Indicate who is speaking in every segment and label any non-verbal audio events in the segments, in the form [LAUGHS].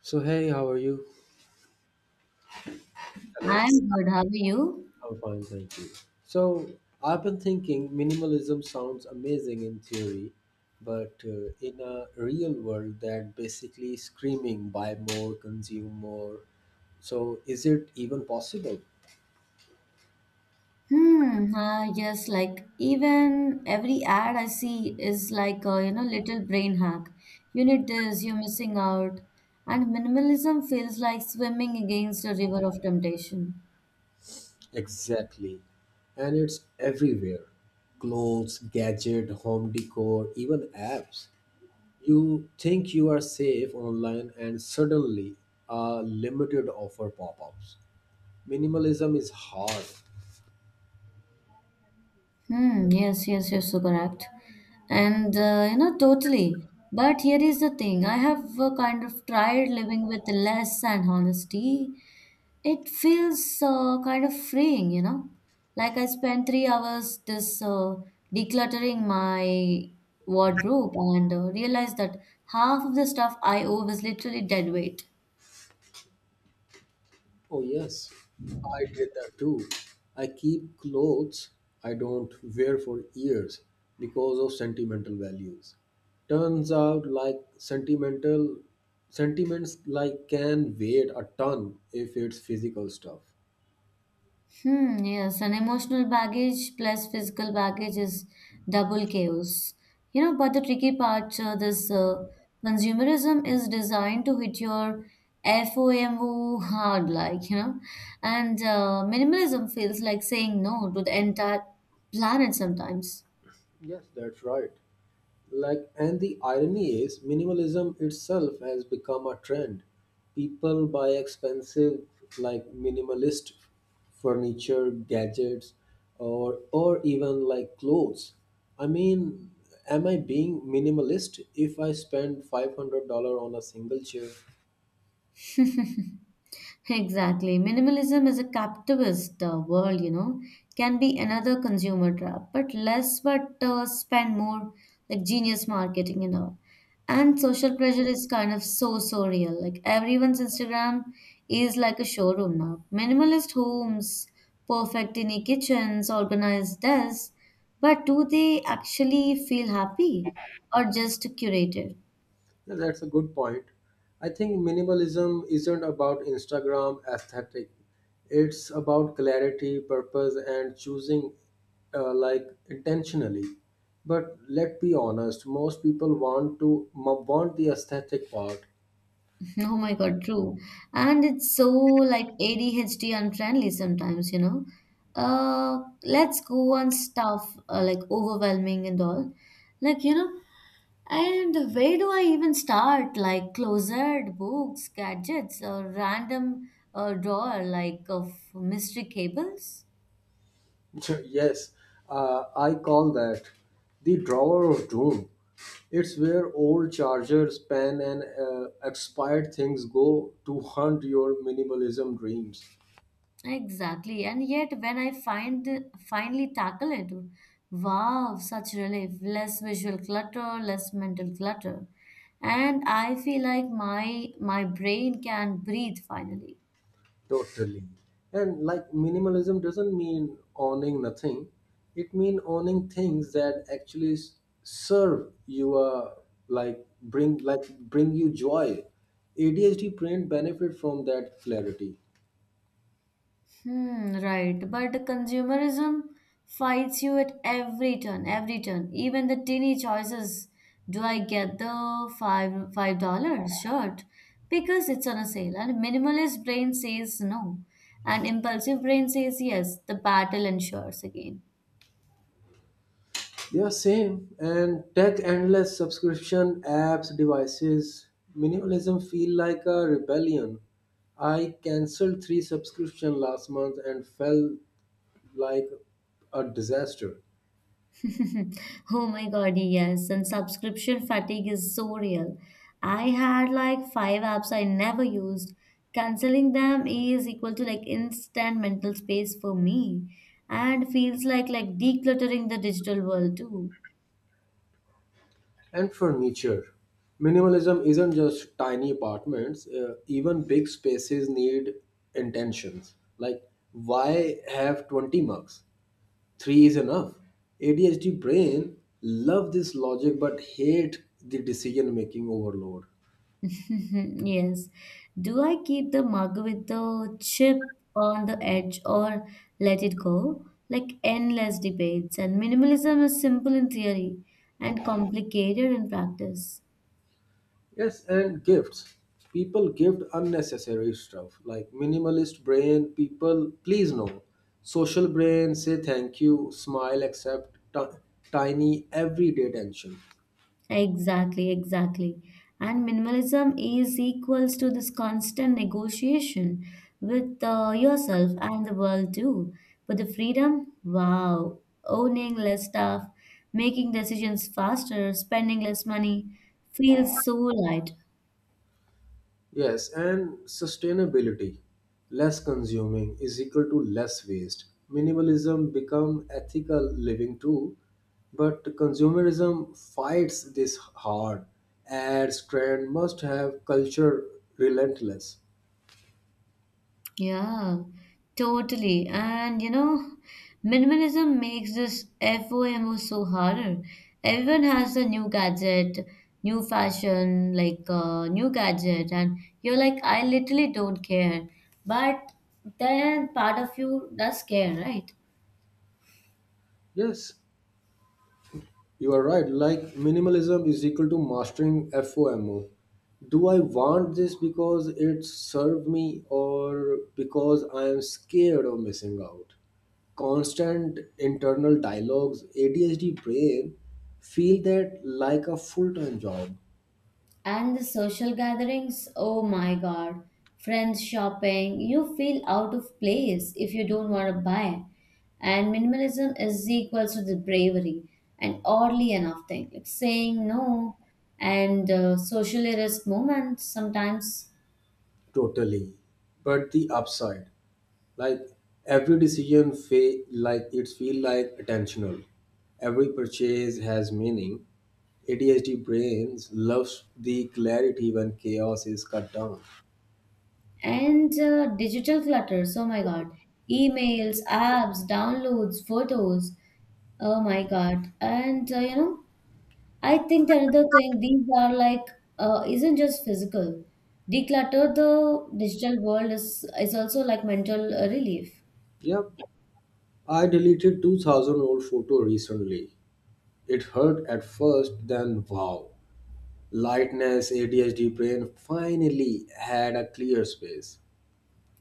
Speaker 1: So hey, how are you?
Speaker 2: I'm good. How are you?
Speaker 1: I'm fine, thank you. So I've been thinking minimalism sounds amazing in theory, but in a real world that basically screaming buy more, consume more. So is it even possible?
Speaker 2: Hmm. Yes, like even every ad I see is like a little brain hack. You need this. You're missing out. And minimalism feels like swimming against a river of temptation.
Speaker 1: Exactly. And it's everywhere. Clothes, gadget, home decor, even apps. You think you are safe online and suddenly a limited offer pop-ups. Minimalism is hard.
Speaker 2: Hmm, yes, yes, yes. Are so correct. And, totally. But here is the thing. I have kind of tried living with less and honesty. It feels kind of freeing, you know. Like I spent 3 hours this decluttering my wardrobe and realized that half of the stuff I owe was literally dead weight.
Speaker 1: Oh, yes, I did that too. I keep clothes I don't wear for years because of sentimental values. Turns out like sentimental sentiments like can weigh a ton if it's physical stuff.
Speaker 2: Hmm, yes, and emotional baggage plus physical baggage is double chaos. You know, but the tricky part, this consumerism is designed to hit your FOMO hard, like, you know, and minimalism feels like saying no to the entire planet sometimes.
Speaker 1: Yes, that's right. Like, and the irony is minimalism itself has become a trend. People buy expensive, like, minimalist furniture, gadgets, or even like clothes. I mean, am I being minimalist if I spend $500 on a single chair?
Speaker 2: [LAUGHS] Exactly. Minimalism is a capitalist world, you know, can be another consumer trap, but less, but spend more, like genius marketing and all. And social pressure is kind of so, so real. Like everyone's Instagram is like a showroom now. Minimalist homes, perfect tiny kitchens, organized desks. But do they actually feel happy or just curated?
Speaker 1: Yeah, that's a good point. I think minimalism isn't about Instagram aesthetic. It's about clarity, purpose, and choosing like, intentionally. But let's be honest, most people want the aesthetic part.
Speaker 2: Oh my God, true. And it's so like ADHD unfriendly sometimes, you know. Let's go on stuff like overwhelming and all. Like, you know, and where do I even start? Like closet, books, gadgets, or random drawer like of mystery cables?
Speaker 1: [LAUGHS] Yes, I call that the drawer of doom. It's where old chargers, pen, and expired things go to hunt your minimalism dreams.
Speaker 2: Exactly. And yet when I find finally tackle it, wow, such relief. Less visual clutter, less mental clutter. And I feel like my brain can breathe finally.
Speaker 1: Totally. And like minimalism doesn't mean owning nothing. It means owning things that actually serve you bring you joy. ADHD print benefit from that clarity.
Speaker 2: Hmm, right. But consumerism fights you at every turn, every turn. Even the teeny choices. Do I get the five dollars shirt? Because it's on a sale. And minimalist brain says no. And impulsive brain says yes. The battle ensures again.
Speaker 1: Yeah, same. And tech endless subscription apps, devices, minimalism feel like a rebellion. I canceled three subscription last month and felt like a disaster.
Speaker 2: [LAUGHS] Oh my God, yes. And subscription fatigue is so real. I had like five apps I never used. Canceling them is equal to like instant mental space for me and feels like decluttering the digital world too.
Speaker 1: And furniture. Minimalism isn't just tiny apartments, even big spaces need intentions. Like, why have 20 mugs? Three is enough. ADHD brain love this logic but hate the decision making overload.
Speaker 2: [LAUGHS] Yes. Do I keep the mug with the chip on the edge or let it go? Like endless debates, and minimalism is simple in theory and complicated in practice.
Speaker 1: Yes, and gifts. People gift unnecessary stuff. Like, minimalist brain, people please no. Social brain say thank you, smile, accept tiny everyday tension.
Speaker 2: Exactly, exactly. And minimalism is equals to this constant negotiation with yourself and the world too. But the freedom, wow, owning less stuff, making decisions faster, spending less money feels so light.
Speaker 1: Yes, and sustainability. Less consuming is equal to less waste. Minimalism become ethical living too, but consumerism fights this hard. Ads, trend must have culture relentless.
Speaker 2: Yeah, totally. And you know, minimalism makes this FOMO so harder. Everyone has a new gadget, new fashion, like and you're like, I literally don't care. But then part of you does care, right?
Speaker 1: Yes, you are right. Like, minimalism is equal to mastering FOMO. Do I want this because it served me or because I am scared of missing out? Constant internal dialogues, ADHD brain, feel that like a full time job.
Speaker 2: And the social gatherings, oh my God, friends shopping, you feel out of place if you don't want to buy. And minimalism is equal to the bravery and oddly enough thing, like saying no and socially risk moments sometimes.
Speaker 1: Totally. But the upside, like every decision feel like attentional. Every purchase has meaning. ADHD brains loves the clarity when chaos is cut down.
Speaker 2: And digital clutter. Oh my God, emails, apps, downloads, photos, oh my God. And I think the another thing, these are like isn't just physical. Declutter the digital world is also like mental relief.
Speaker 1: Yep, I deleted 2000 old photo recently. It hurt at first, then wow. Lightness ADHD brain finally had a clear space.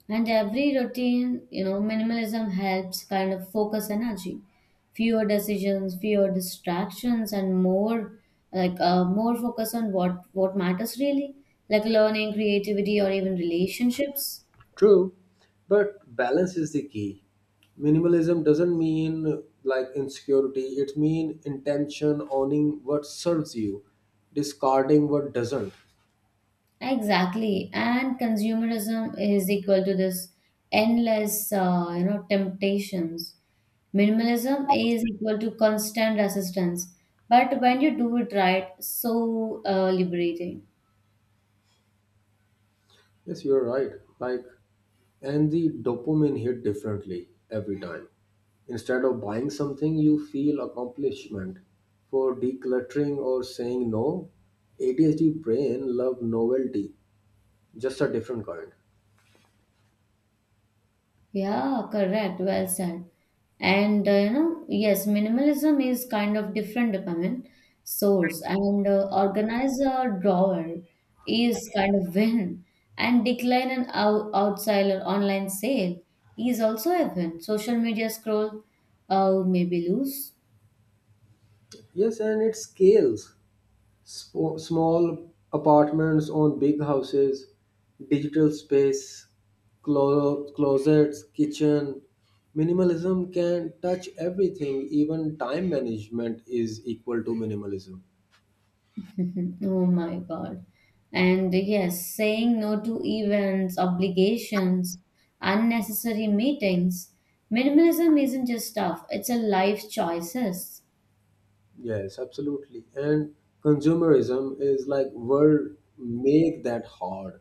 Speaker 2: And every routine, you know, minimalism helps kind of focus energy. Fewer decisions, fewer distractions, and more more focus on what matters really, like learning, creativity, or even relationships.
Speaker 1: True, but balance is the key. Minimalism doesn't mean like, insecurity. It means intention, owning what serves you, discarding what doesn't.
Speaker 2: Exactly, and consumerism is equal to this endless, temptations. Minimalism is equal to constant resistance, but when you do it right, so liberating.
Speaker 1: Yes, you're right. Like, and the dopamine hit differently every time. Instead of buying something, you feel accomplishment. For decluttering or saying no, ADHD brain love novelty, just a different kind.
Speaker 2: Yeah, correct. Well said. And yes, minimalism is kind of different dopamine source, and organize a drawer is kind of win, and decline an outside or online sale is also a win. Social media scroll, maybe lose.
Speaker 1: Yes, and it scales. Small apartments on big houses, digital space, closets, kitchen. Minimalism can touch everything, even time management is equal to minimalism.
Speaker 2: [LAUGHS] Oh my God. And yes, saying no to events, obligations, unnecessary meetings. Minimalism isn't just stuff, it's a life choices.
Speaker 1: Yes, absolutely. And consumerism is like, world make that hard.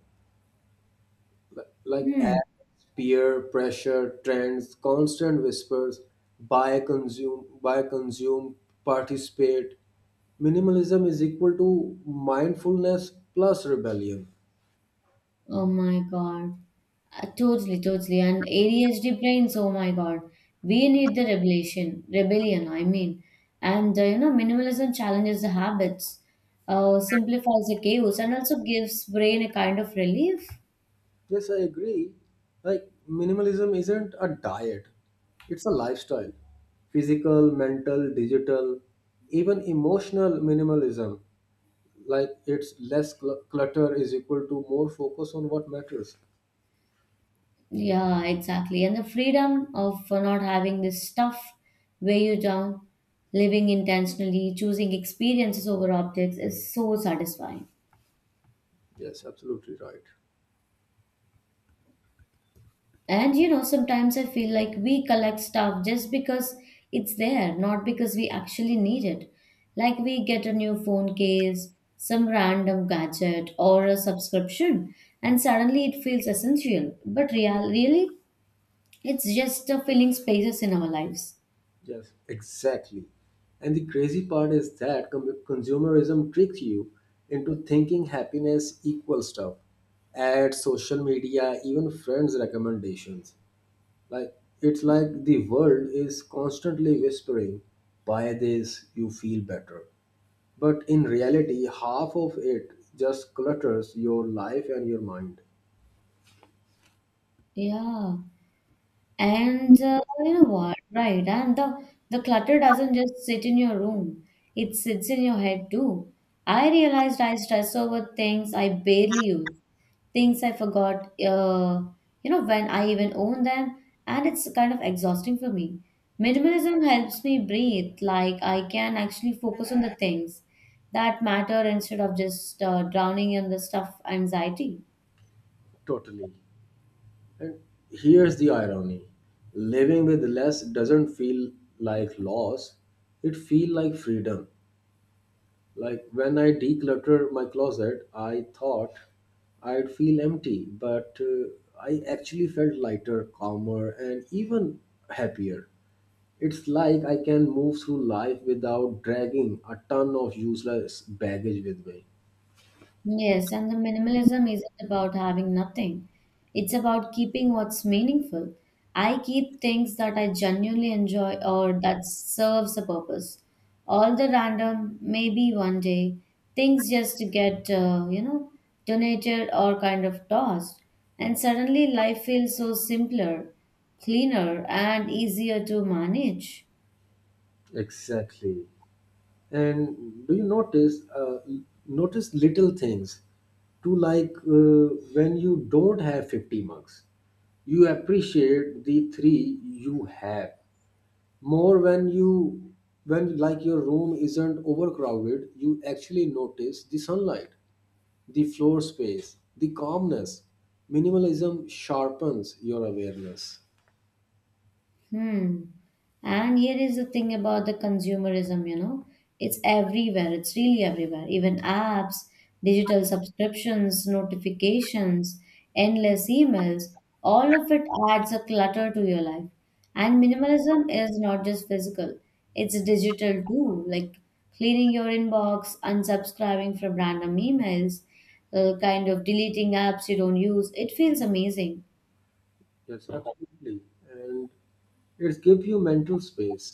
Speaker 1: Like,
Speaker 2: Hmm.
Speaker 1: ads, peer pressure, trends, constant whispers, buy, consume, participate. Minimalism is equal to mindfulness plus rebellion.
Speaker 2: Oh my God. Totally, totally. And ADHD brains, oh my God. We need the rebellion, rebellion, I mean. And minimalism challenges the habits, simplifies the chaos, and also gives brain a kind of relief.
Speaker 1: Yes, I agree. Like, minimalism isn't a diet, it's a lifestyle. Physical, mental, digital, even emotional minimalism. Like, it's less clutter is equal to more focus on what matters.
Speaker 2: Yeah, exactly. And the freedom of not having this stuff weigh you down, living intentionally, choosing experiences over objects is so satisfying.
Speaker 1: Yes, absolutely right.
Speaker 2: And you know, sometimes I feel like we collect stuff just because it's there, not because we actually need it. Like we get a new phone case, some random gadget, or a subscription, and suddenly it feels essential. But real, really, it's just filling spaces in our lives.
Speaker 1: Yes, exactly. And the crazy part is that consumerism tricks you into thinking happiness equals stuff. Ads, social media, even friends' recommendations. Like, it's like the world is constantly whispering, buy this, you feel better. But in reality, half of it just clutters your life and your mind.
Speaker 2: Yeah. And you know what? Right. And the clutter doesn't just sit in your room, it sits in your head too. I realized I stress over things I barely use, things I forgot, when I even own them. And it's kind of exhausting for me. Minimalism helps me breathe, like I can actually focus on the things that matter instead of just drowning in the stuff anxiety.
Speaker 1: Totally. And here's the irony, living with less doesn't feel like loss, it feels like freedom. Like, when I declutter my closet, I thought I'd feel empty, but I actually felt lighter, calmer, and even happier. It's like I can move through life without dragging a ton of useless baggage with me.
Speaker 2: Yes, and the minimalism isn't about having nothing. It's about keeping what's meaningful. I keep things that I genuinely enjoy or that serves a purpose. All the random, maybe one day, things just get, donated or kind of tossed. And suddenly life feels so simpler, cleaner, and easier to manage.
Speaker 1: Exactly. And do you notice little things to, when you don't have 50 marks, you appreciate the three you have more. When you when, like, your room isn't overcrowded, you actually notice the sunlight, the floor space, the calmness. Minimalism sharpens your awareness.
Speaker 2: Hmm. And here is the thing about the consumerism, you know, it's everywhere. It's really everywhere. Even apps, digital subscriptions, notifications, endless emails, all of it adds a clutter to your life. And minimalism is not just physical, it's digital too, like cleaning your inbox, unsubscribing from random emails, kind of deleting apps you don't use. It feels amazing.
Speaker 1: Yes, absolutely. And it gives you mental space.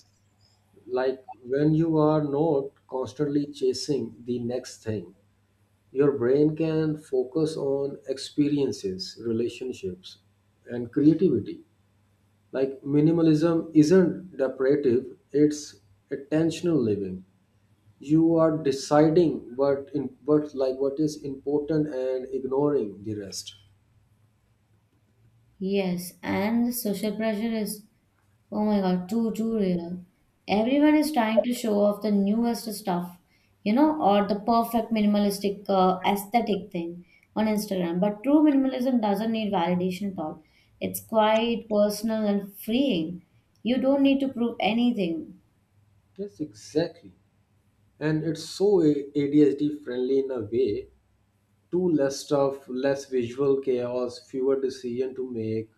Speaker 1: Like, when you are not constantly chasing the next thing, your brain can focus on experiences, relationships, and creativity. Like, minimalism isn't depressive, it's attentional living. You are deciding what in what like what is important and ignoring the rest.
Speaker 2: Yes, and the social pressure is, oh my God, too, too real. Everyone is trying to show off the newest stuff, you know, or the perfect minimalistic aesthetic thing on Instagram. But true minimalism doesn't need validation at all. It's quite personal and freeing. You don't need to prove anything.
Speaker 1: Yes, exactly. And it's so ADHD friendly in a way too. Less stuff, less visual chaos, fewer decision to make.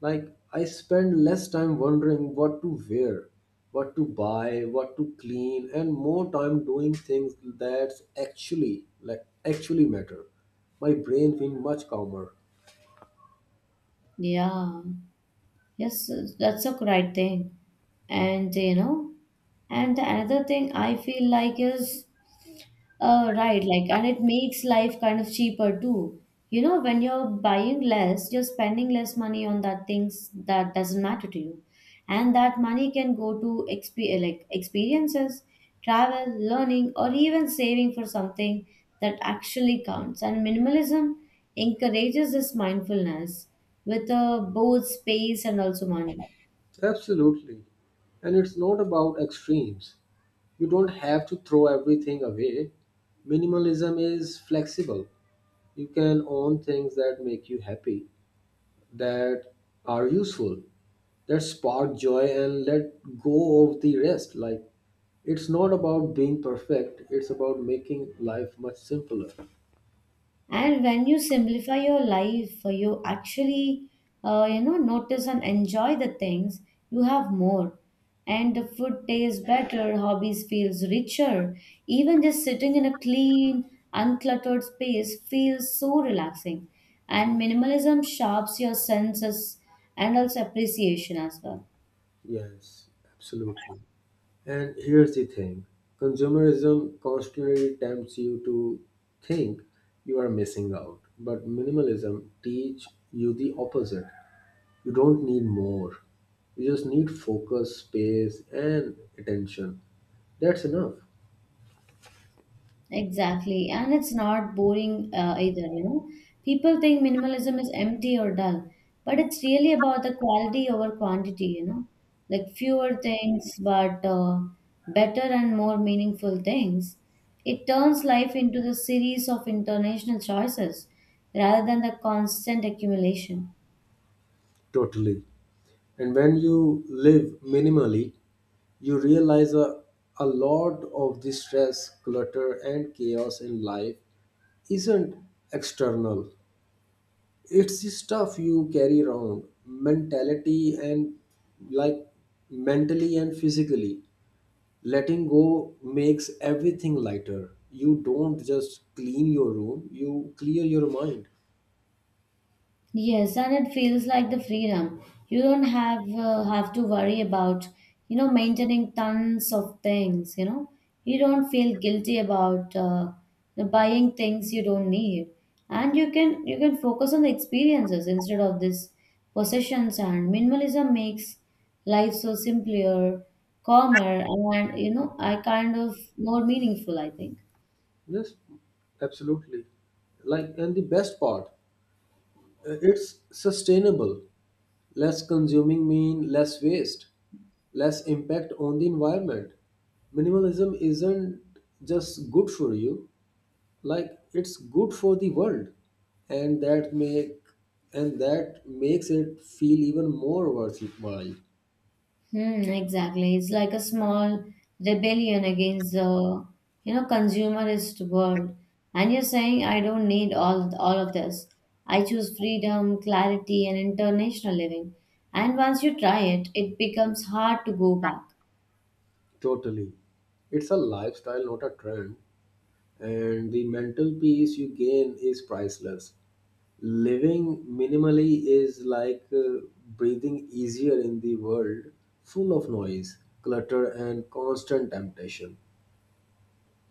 Speaker 1: Like, I spend less time wondering what to wear, what to buy, what to clean, and more time doing things that actually matter. My brain being much calmer.
Speaker 2: Yeah, yes, that's a right thing. And you know, and the another thing I feel like is right, like, and it makes life kind of cheaper too. You know, when you're buying less, you're spending less money on that things that doesn't matter to you. And that money can go to like experiences, travel, learning, or even saving for something that actually counts. And minimalism encourages this mindfulness with both space and also money.
Speaker 1: Absolutely. And it's not about extremes. You don't have to throw everything away. Minimalism is flexible. You can own things that make you happy, that are useful, that spark joy, and let go of the rest. Like, it's not about being perfect, it's about making life much simpler.
Speaker 2: And when you simplify your life, you actually notice and enjoy the things you have more. And the food tastes better, hobbies feels richer, even just sitting in a clean uncluttered space feels so relaxing. And minimalism sharps your senses and also appreciation as well.
Speaker 1: Yes, absolutely. And here's the thing, consumerism constantly tempts you to think you are missing out, but minimalism teach you the opposite. You don't need more, you just need focus, space, and attention. That's enough.
Speaker 2: Exactly, and it's not boring either, you know. People think minimalism is empty or dull, but it's really about the quality over quantity, you know. Like fewer things, but better and more meaningful things. It turns life into the series of international choices rather than the constant accumulation.
Speaker 1: Totally. And when you live minimally, you realize a lot of the stress, clutter, and chaos in life isn't external. It's the stuff you carry around, mentality and, like, mentally and physically. Letting go makes everything lighter. You don't just clean your room, you clear your mind.
Speaker 2: Yes, and it feels like the freedom. You don't have to worry about, you know, maintaining tons of things, you know. You don't feel guilty about buying things you don't need. And you can focus on the experiences instead of this possessions. And minimalism makes life so simpler, calmer, and you know, I kind of more meaningful, I think.
Speaker 1: Yes, absolutely. Like, and the best part, it's sustainable. Less consuming mean less waste, less impact on the environment. Minimalism isn't just good for you, like it's good for the world. And that makes it feel even more worthwhile.
Speaker 2: Hmm, exactly. It's like a small rebellion against the, you know, consumerist world. And you're saying I don't need all of this. I choose freedom, clarity, and international living. And once you try it, it becomes hard to go back.
Speaker 1: Totally. It's a lifestyle, not a trend. And the mental peace you gain is priceless. Living minimally is like breathing easier in the world full of noise, clutter, and constant temptation.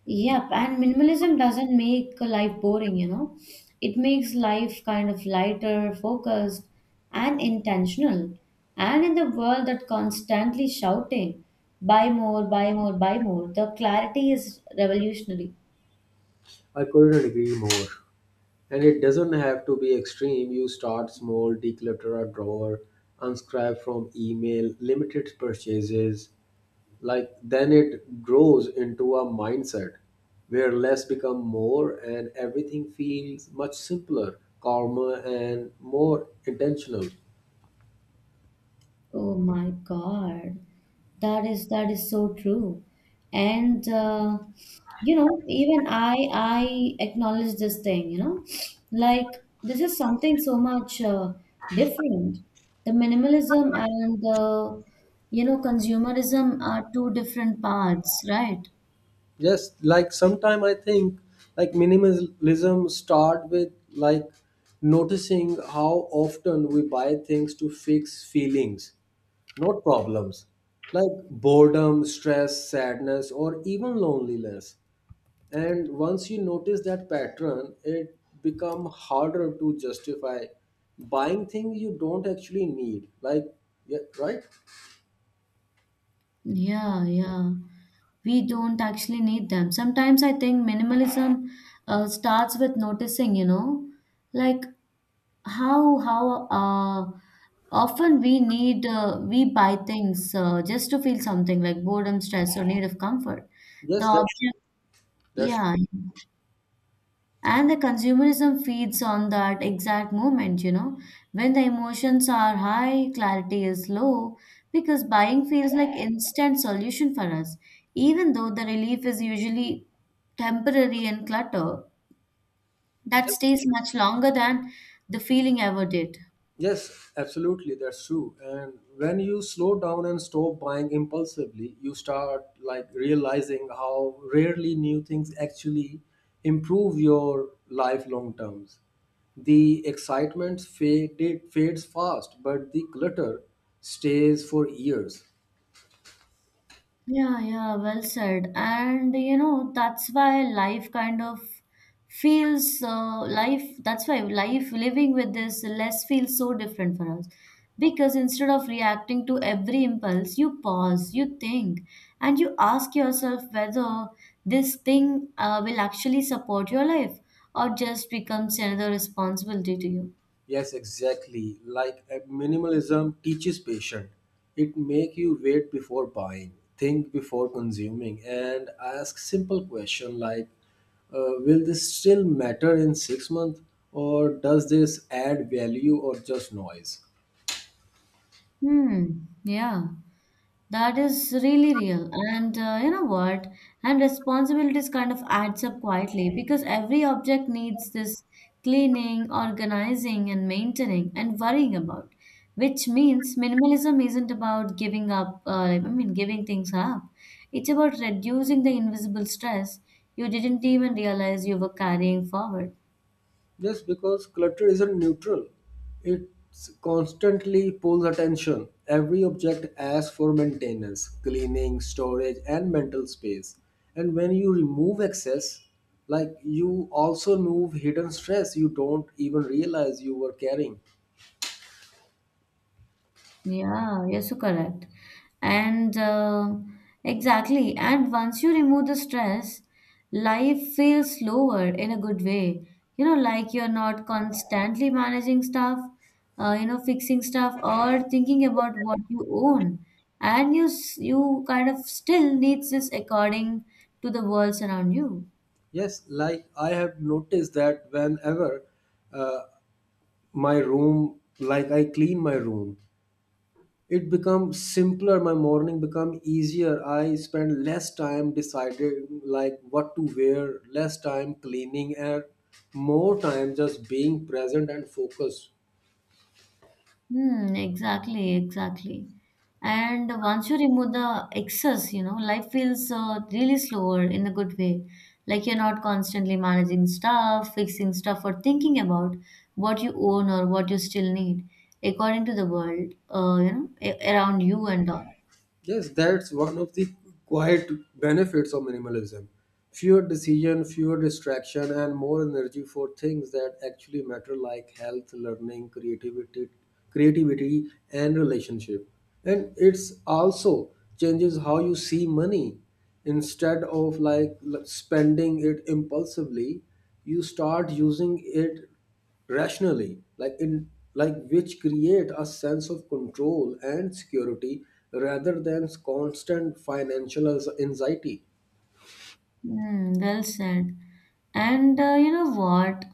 Speaker 2: Yep, and minimalism doesn't make life boring, you know. It makes life kind of lighter, focused, and intentional. And in the world that constantly shouting, buy more, buy more, buy more, the clarity is revolutionary.
Speaker 1: I couldn't agree more. And it doesn't have to be extreme. You start small, declutter a drawer, unscribe from email, limited purchases, like, then it grows into a mindset where less become more and everything feels much simpler, calmer, and more intentional.
Speaker 2: Oh my God, that is so true, and even I acknowledge this thing, you know, like this is something so much different. The minimalism and the, you know, consumerism are two different paths, right?
Speaker 1: Yes, like, sometime I think, like, minimalism start with, like, noticing how often we buy things to fix feelings, not problems, like boredom, stress, sadness, or even loneliness. And once you notice that pattern, it become harder to justify buying things you don't actually need. Like, yeah, right?
Speaker 2: Yeah, yeah. We don't actually need them. Sometimes I think minimalism starts with noticing, you know, like how often we buy things just to feel something like boredom, stress, or need of comfort. The
Speaker 1: Yes, that's
Speaker 2: object,
Speaker 1: that's
Speaker 2: yeah, and the consumerism feeds on that exact moment. You know, when the emotions are high, clarity is low, because buying feels like instant solution for us, even though the relief is usually temporary and clutter that
Speaker 1: yes.
Speaker 2: stays much longer than the feeling ever did.
Speaker 1: Yes, absolutely, that's true. And when you slow down and stop buying impulsively, you start like realizing how rarely new things actually improve your life long terms. The excitement fade, it fades fast, but the clutter stays for years.
Speaker 2: Yeah, yeah, well said. And you know, that's why life kind of that's why life living with this less feels so different for us. Because instead of reacting to every impulse, you pause, you think, and you ask yourself whether this thing will actually support your life or just becomes another responsibility to you.
Speaker 1: Yes, exactly. Like, minimalism teaches patience. It make you wait before buying, think before consuming, and ask simple question like, "Will this still matter in 6 months, or does this add value or just noise?"
Speaker 2: Hmm. Yeah. That is really real. And you know what? And responsibilities kind of adds up quietly because every object needs this cleaning, organizing, and maintaining and worrying about, which means minimalism isn't about giving things up. It's about reducing the invisible stress you didn't even realize you were carrying forward.
Speaker 1: Just because clutter isn't neutral, it constantly pulls attention. Every object asks for maintenance, cleaning, storage, and mental space. And when you remove excess, like, you also remove hidden stress you don't even realize you were carrying.
Speaker 2: Yeah, you're so correct. And Exactly. And once you remove the stress, life feels slower in a good way. You know, like you're not constantly managing stuff, fixing stuff or thinking about what you own. And you kind of still needs this according to the worlds around you.
Speaker 1: Yes, like I have noticed that whenever uh, my room, like I clean my room, it becomes simpler. My morning become easier. I spend less time deciding, like, what to wear, less time cleaning, and more time just being present and focused.
Speaker 2: Hmm, exactly, exactly. And once you remove the excess, you know, life feels really slower in a good way. Like you're not constantly managing stuff, fixing stuff, or thinking about what you own or what you still need according to the world, around you and all.
Speaker 1: Yes, that's one of the quiet benefits of minimalism. Fewer decision, fewer distraction, and more energy for things that actually matter, like health, learning, creativity, and relationship. And it's also changes how you see money. Instead of like spending it impulsively, you start using it rationally, like, in, like, which create a sense of control and security rather than constant financial anxiety.
Speaker 2: Hmm, well said. And you know what?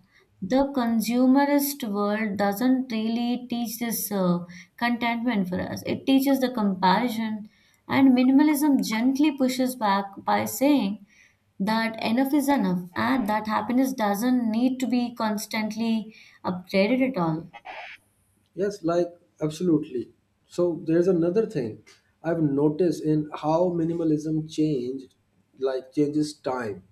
Speaker 2: The consumerist world doesn't really teach this contentment for us. It teaches the comparison, and minimalism gently pushes back by saying that enough is enough and that happiness doesn't need to be constantly upgraded at all.
Speaker 1: Yes, like, absolutely. So there's another thing I've noticed in how minimalism changed, like, changes time.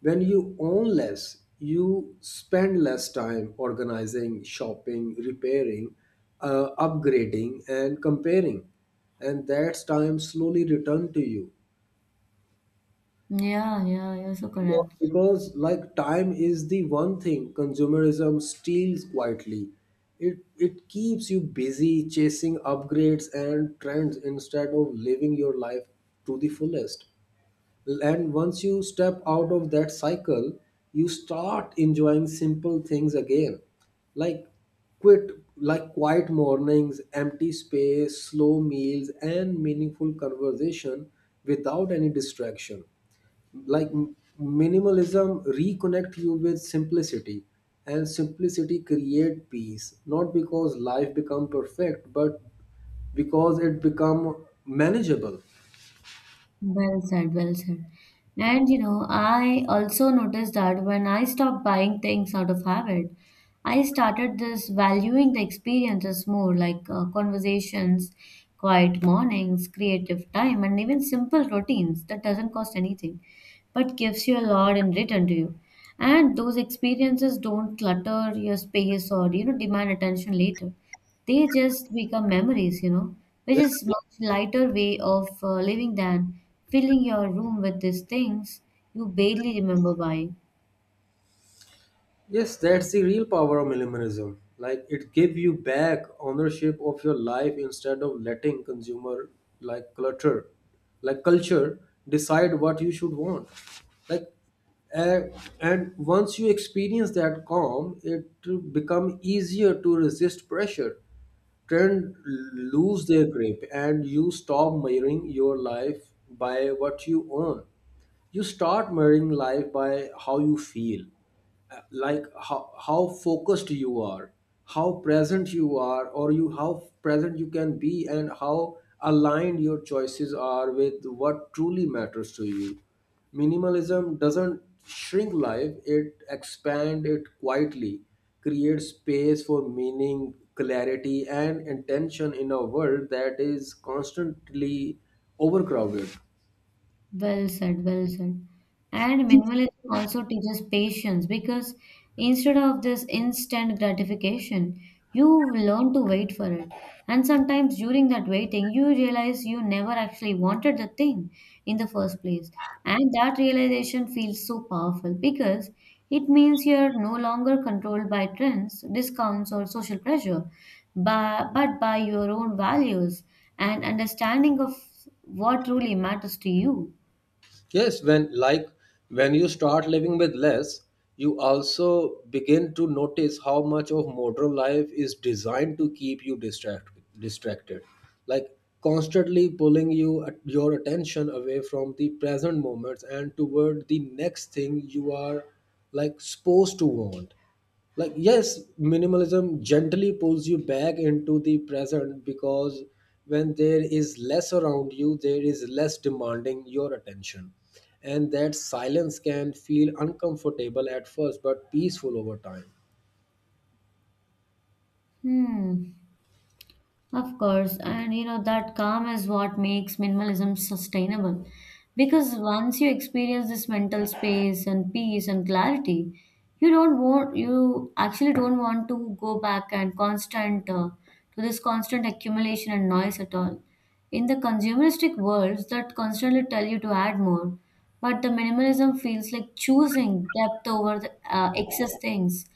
Speaker 1: When you own less, you spend less time organizing, shopping, repairing, upgrading, and comparing, and that's time slowly returned to you.
Speaker 2: Yeah, yeah, you're so
Speaker 1: Because,
Speaker 2: correct.
Speaker 1: because, like, time is the one thing consumerism steals quietly. It keeps you busy chasing upgrades and trends instead of living your life to the fullest. And once you step out of that cycle, you start enjoying simple things again. Like, quit like quiet mornings, empty space, slow meals, and meaningful conversation without any distraction. Like, minimalism reconnect you with simplicity, and simplicity create peace, not because life become perfect, but because it become manageable.
Speaker 2: Well said, well said. And you know, I also noticed that when I stopped buying things out of habit, I started this valuing the experiences more like conversations, quiet mornings, creative time, and even simple routines that doesn't cost anything, but gives you a lot in return to you. And those experiences don't clutter your space or you know demand attention later. They just become memories, you know, which
Speaker 1: Yeah.
Speaker 2: is Yeah. much lighter way of living than filling your room with these things you barely remember buying.
Speaker 1: Yes, that's the real power of minimalism. Like, it give you back ownership of your life instead of letting consumer like clutter, like culture decide what you should want. Like, uh, and once you experience that calm, it become easier to resist pressure. Trend lose their grip, and you stop measuring your life by what you own. You start measuring life by how you feel, like, how focused you are, how present you are, or you how present you can be, and how aligned your choices are with what truly matters to you. Minimalism doesn't shrink life, it expand it quietly, creates space for meaning, clarity, and intention in a world that is constantly overcrowded.
Speaker 2: Well said, well said. And minimalism also teaches patience because instead of this instant gratification, you learn to wait for it. And sometimes during that waiting, you realize you never actually wanted the thing in the first place. And that realization feels so powerful because it means you're no longer controlled by trends, discounts, or social pressure, but, by your own values and understanding of what truly matters to you.
Speaker 1: Yes, when you start living with less, you also begin to notice how much of modern life is designed to keep you distracted, like constantly pulling your attention away from the present moments and toward the next thing you are, like, supposed to want. Like, yes, minimalism gently pulls you back into the present, because when there is less around you, there is less demanding your attention, and that silence can feel uncomfortable at first but peaceful over time.
Speaker 2: 嗯，Of course, and you know that calm is what makes minimalism sustainable. Because once you experience this mental space and peace and clarity, you actually don't want to go back and constant to this constant accumulation and noise at all. In the consumeristic worlds that constantly tell you to add more, but the minimalism feels like choosing depth over the excess things,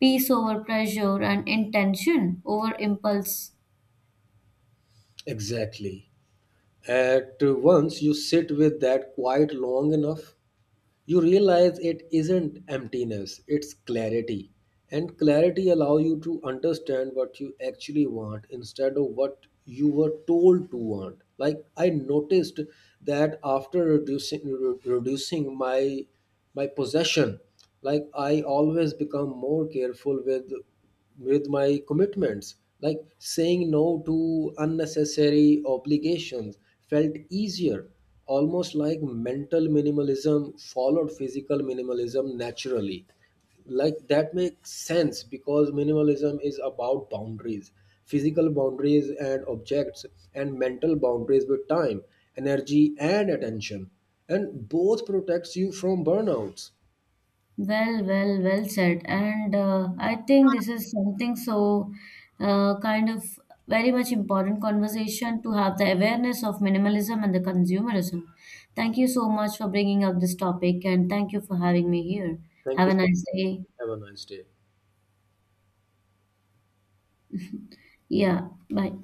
Speaker 2: peace over pressure, and intention over impulse.
Speaker 1: Exactly. At once you sit with that quiet long enough, you realize it isn't emptiness, it's clarity, and clarity allow you to understand what you actually want instead of what you were told to want. Like, I noticed that after reducing my possession, like, I always become more careful with my commitments. Like, saying no to unnecessary obligations felt easier, almost like mental minimalism followed physical minimalism naturally. Like, that makes sense because minimalism is about boundaries, physical boundaries and objects, and mental boundaries with time, energy, and attention. And both protects you from burnouts.
Speaker 2: Well, well said. And I think this is something so uh, kind of very much important conversation to have the awareness of minimalism and the consumerism. Thank you so much for bringing up this topic and thank you for having me here.
Speaker 1: Thank
Speaker 2: Have
Speaker 1: you.
Speaker 2: a nice day.
Speaker 1: Have a nice day.
Speaker 2: Yeah, bye.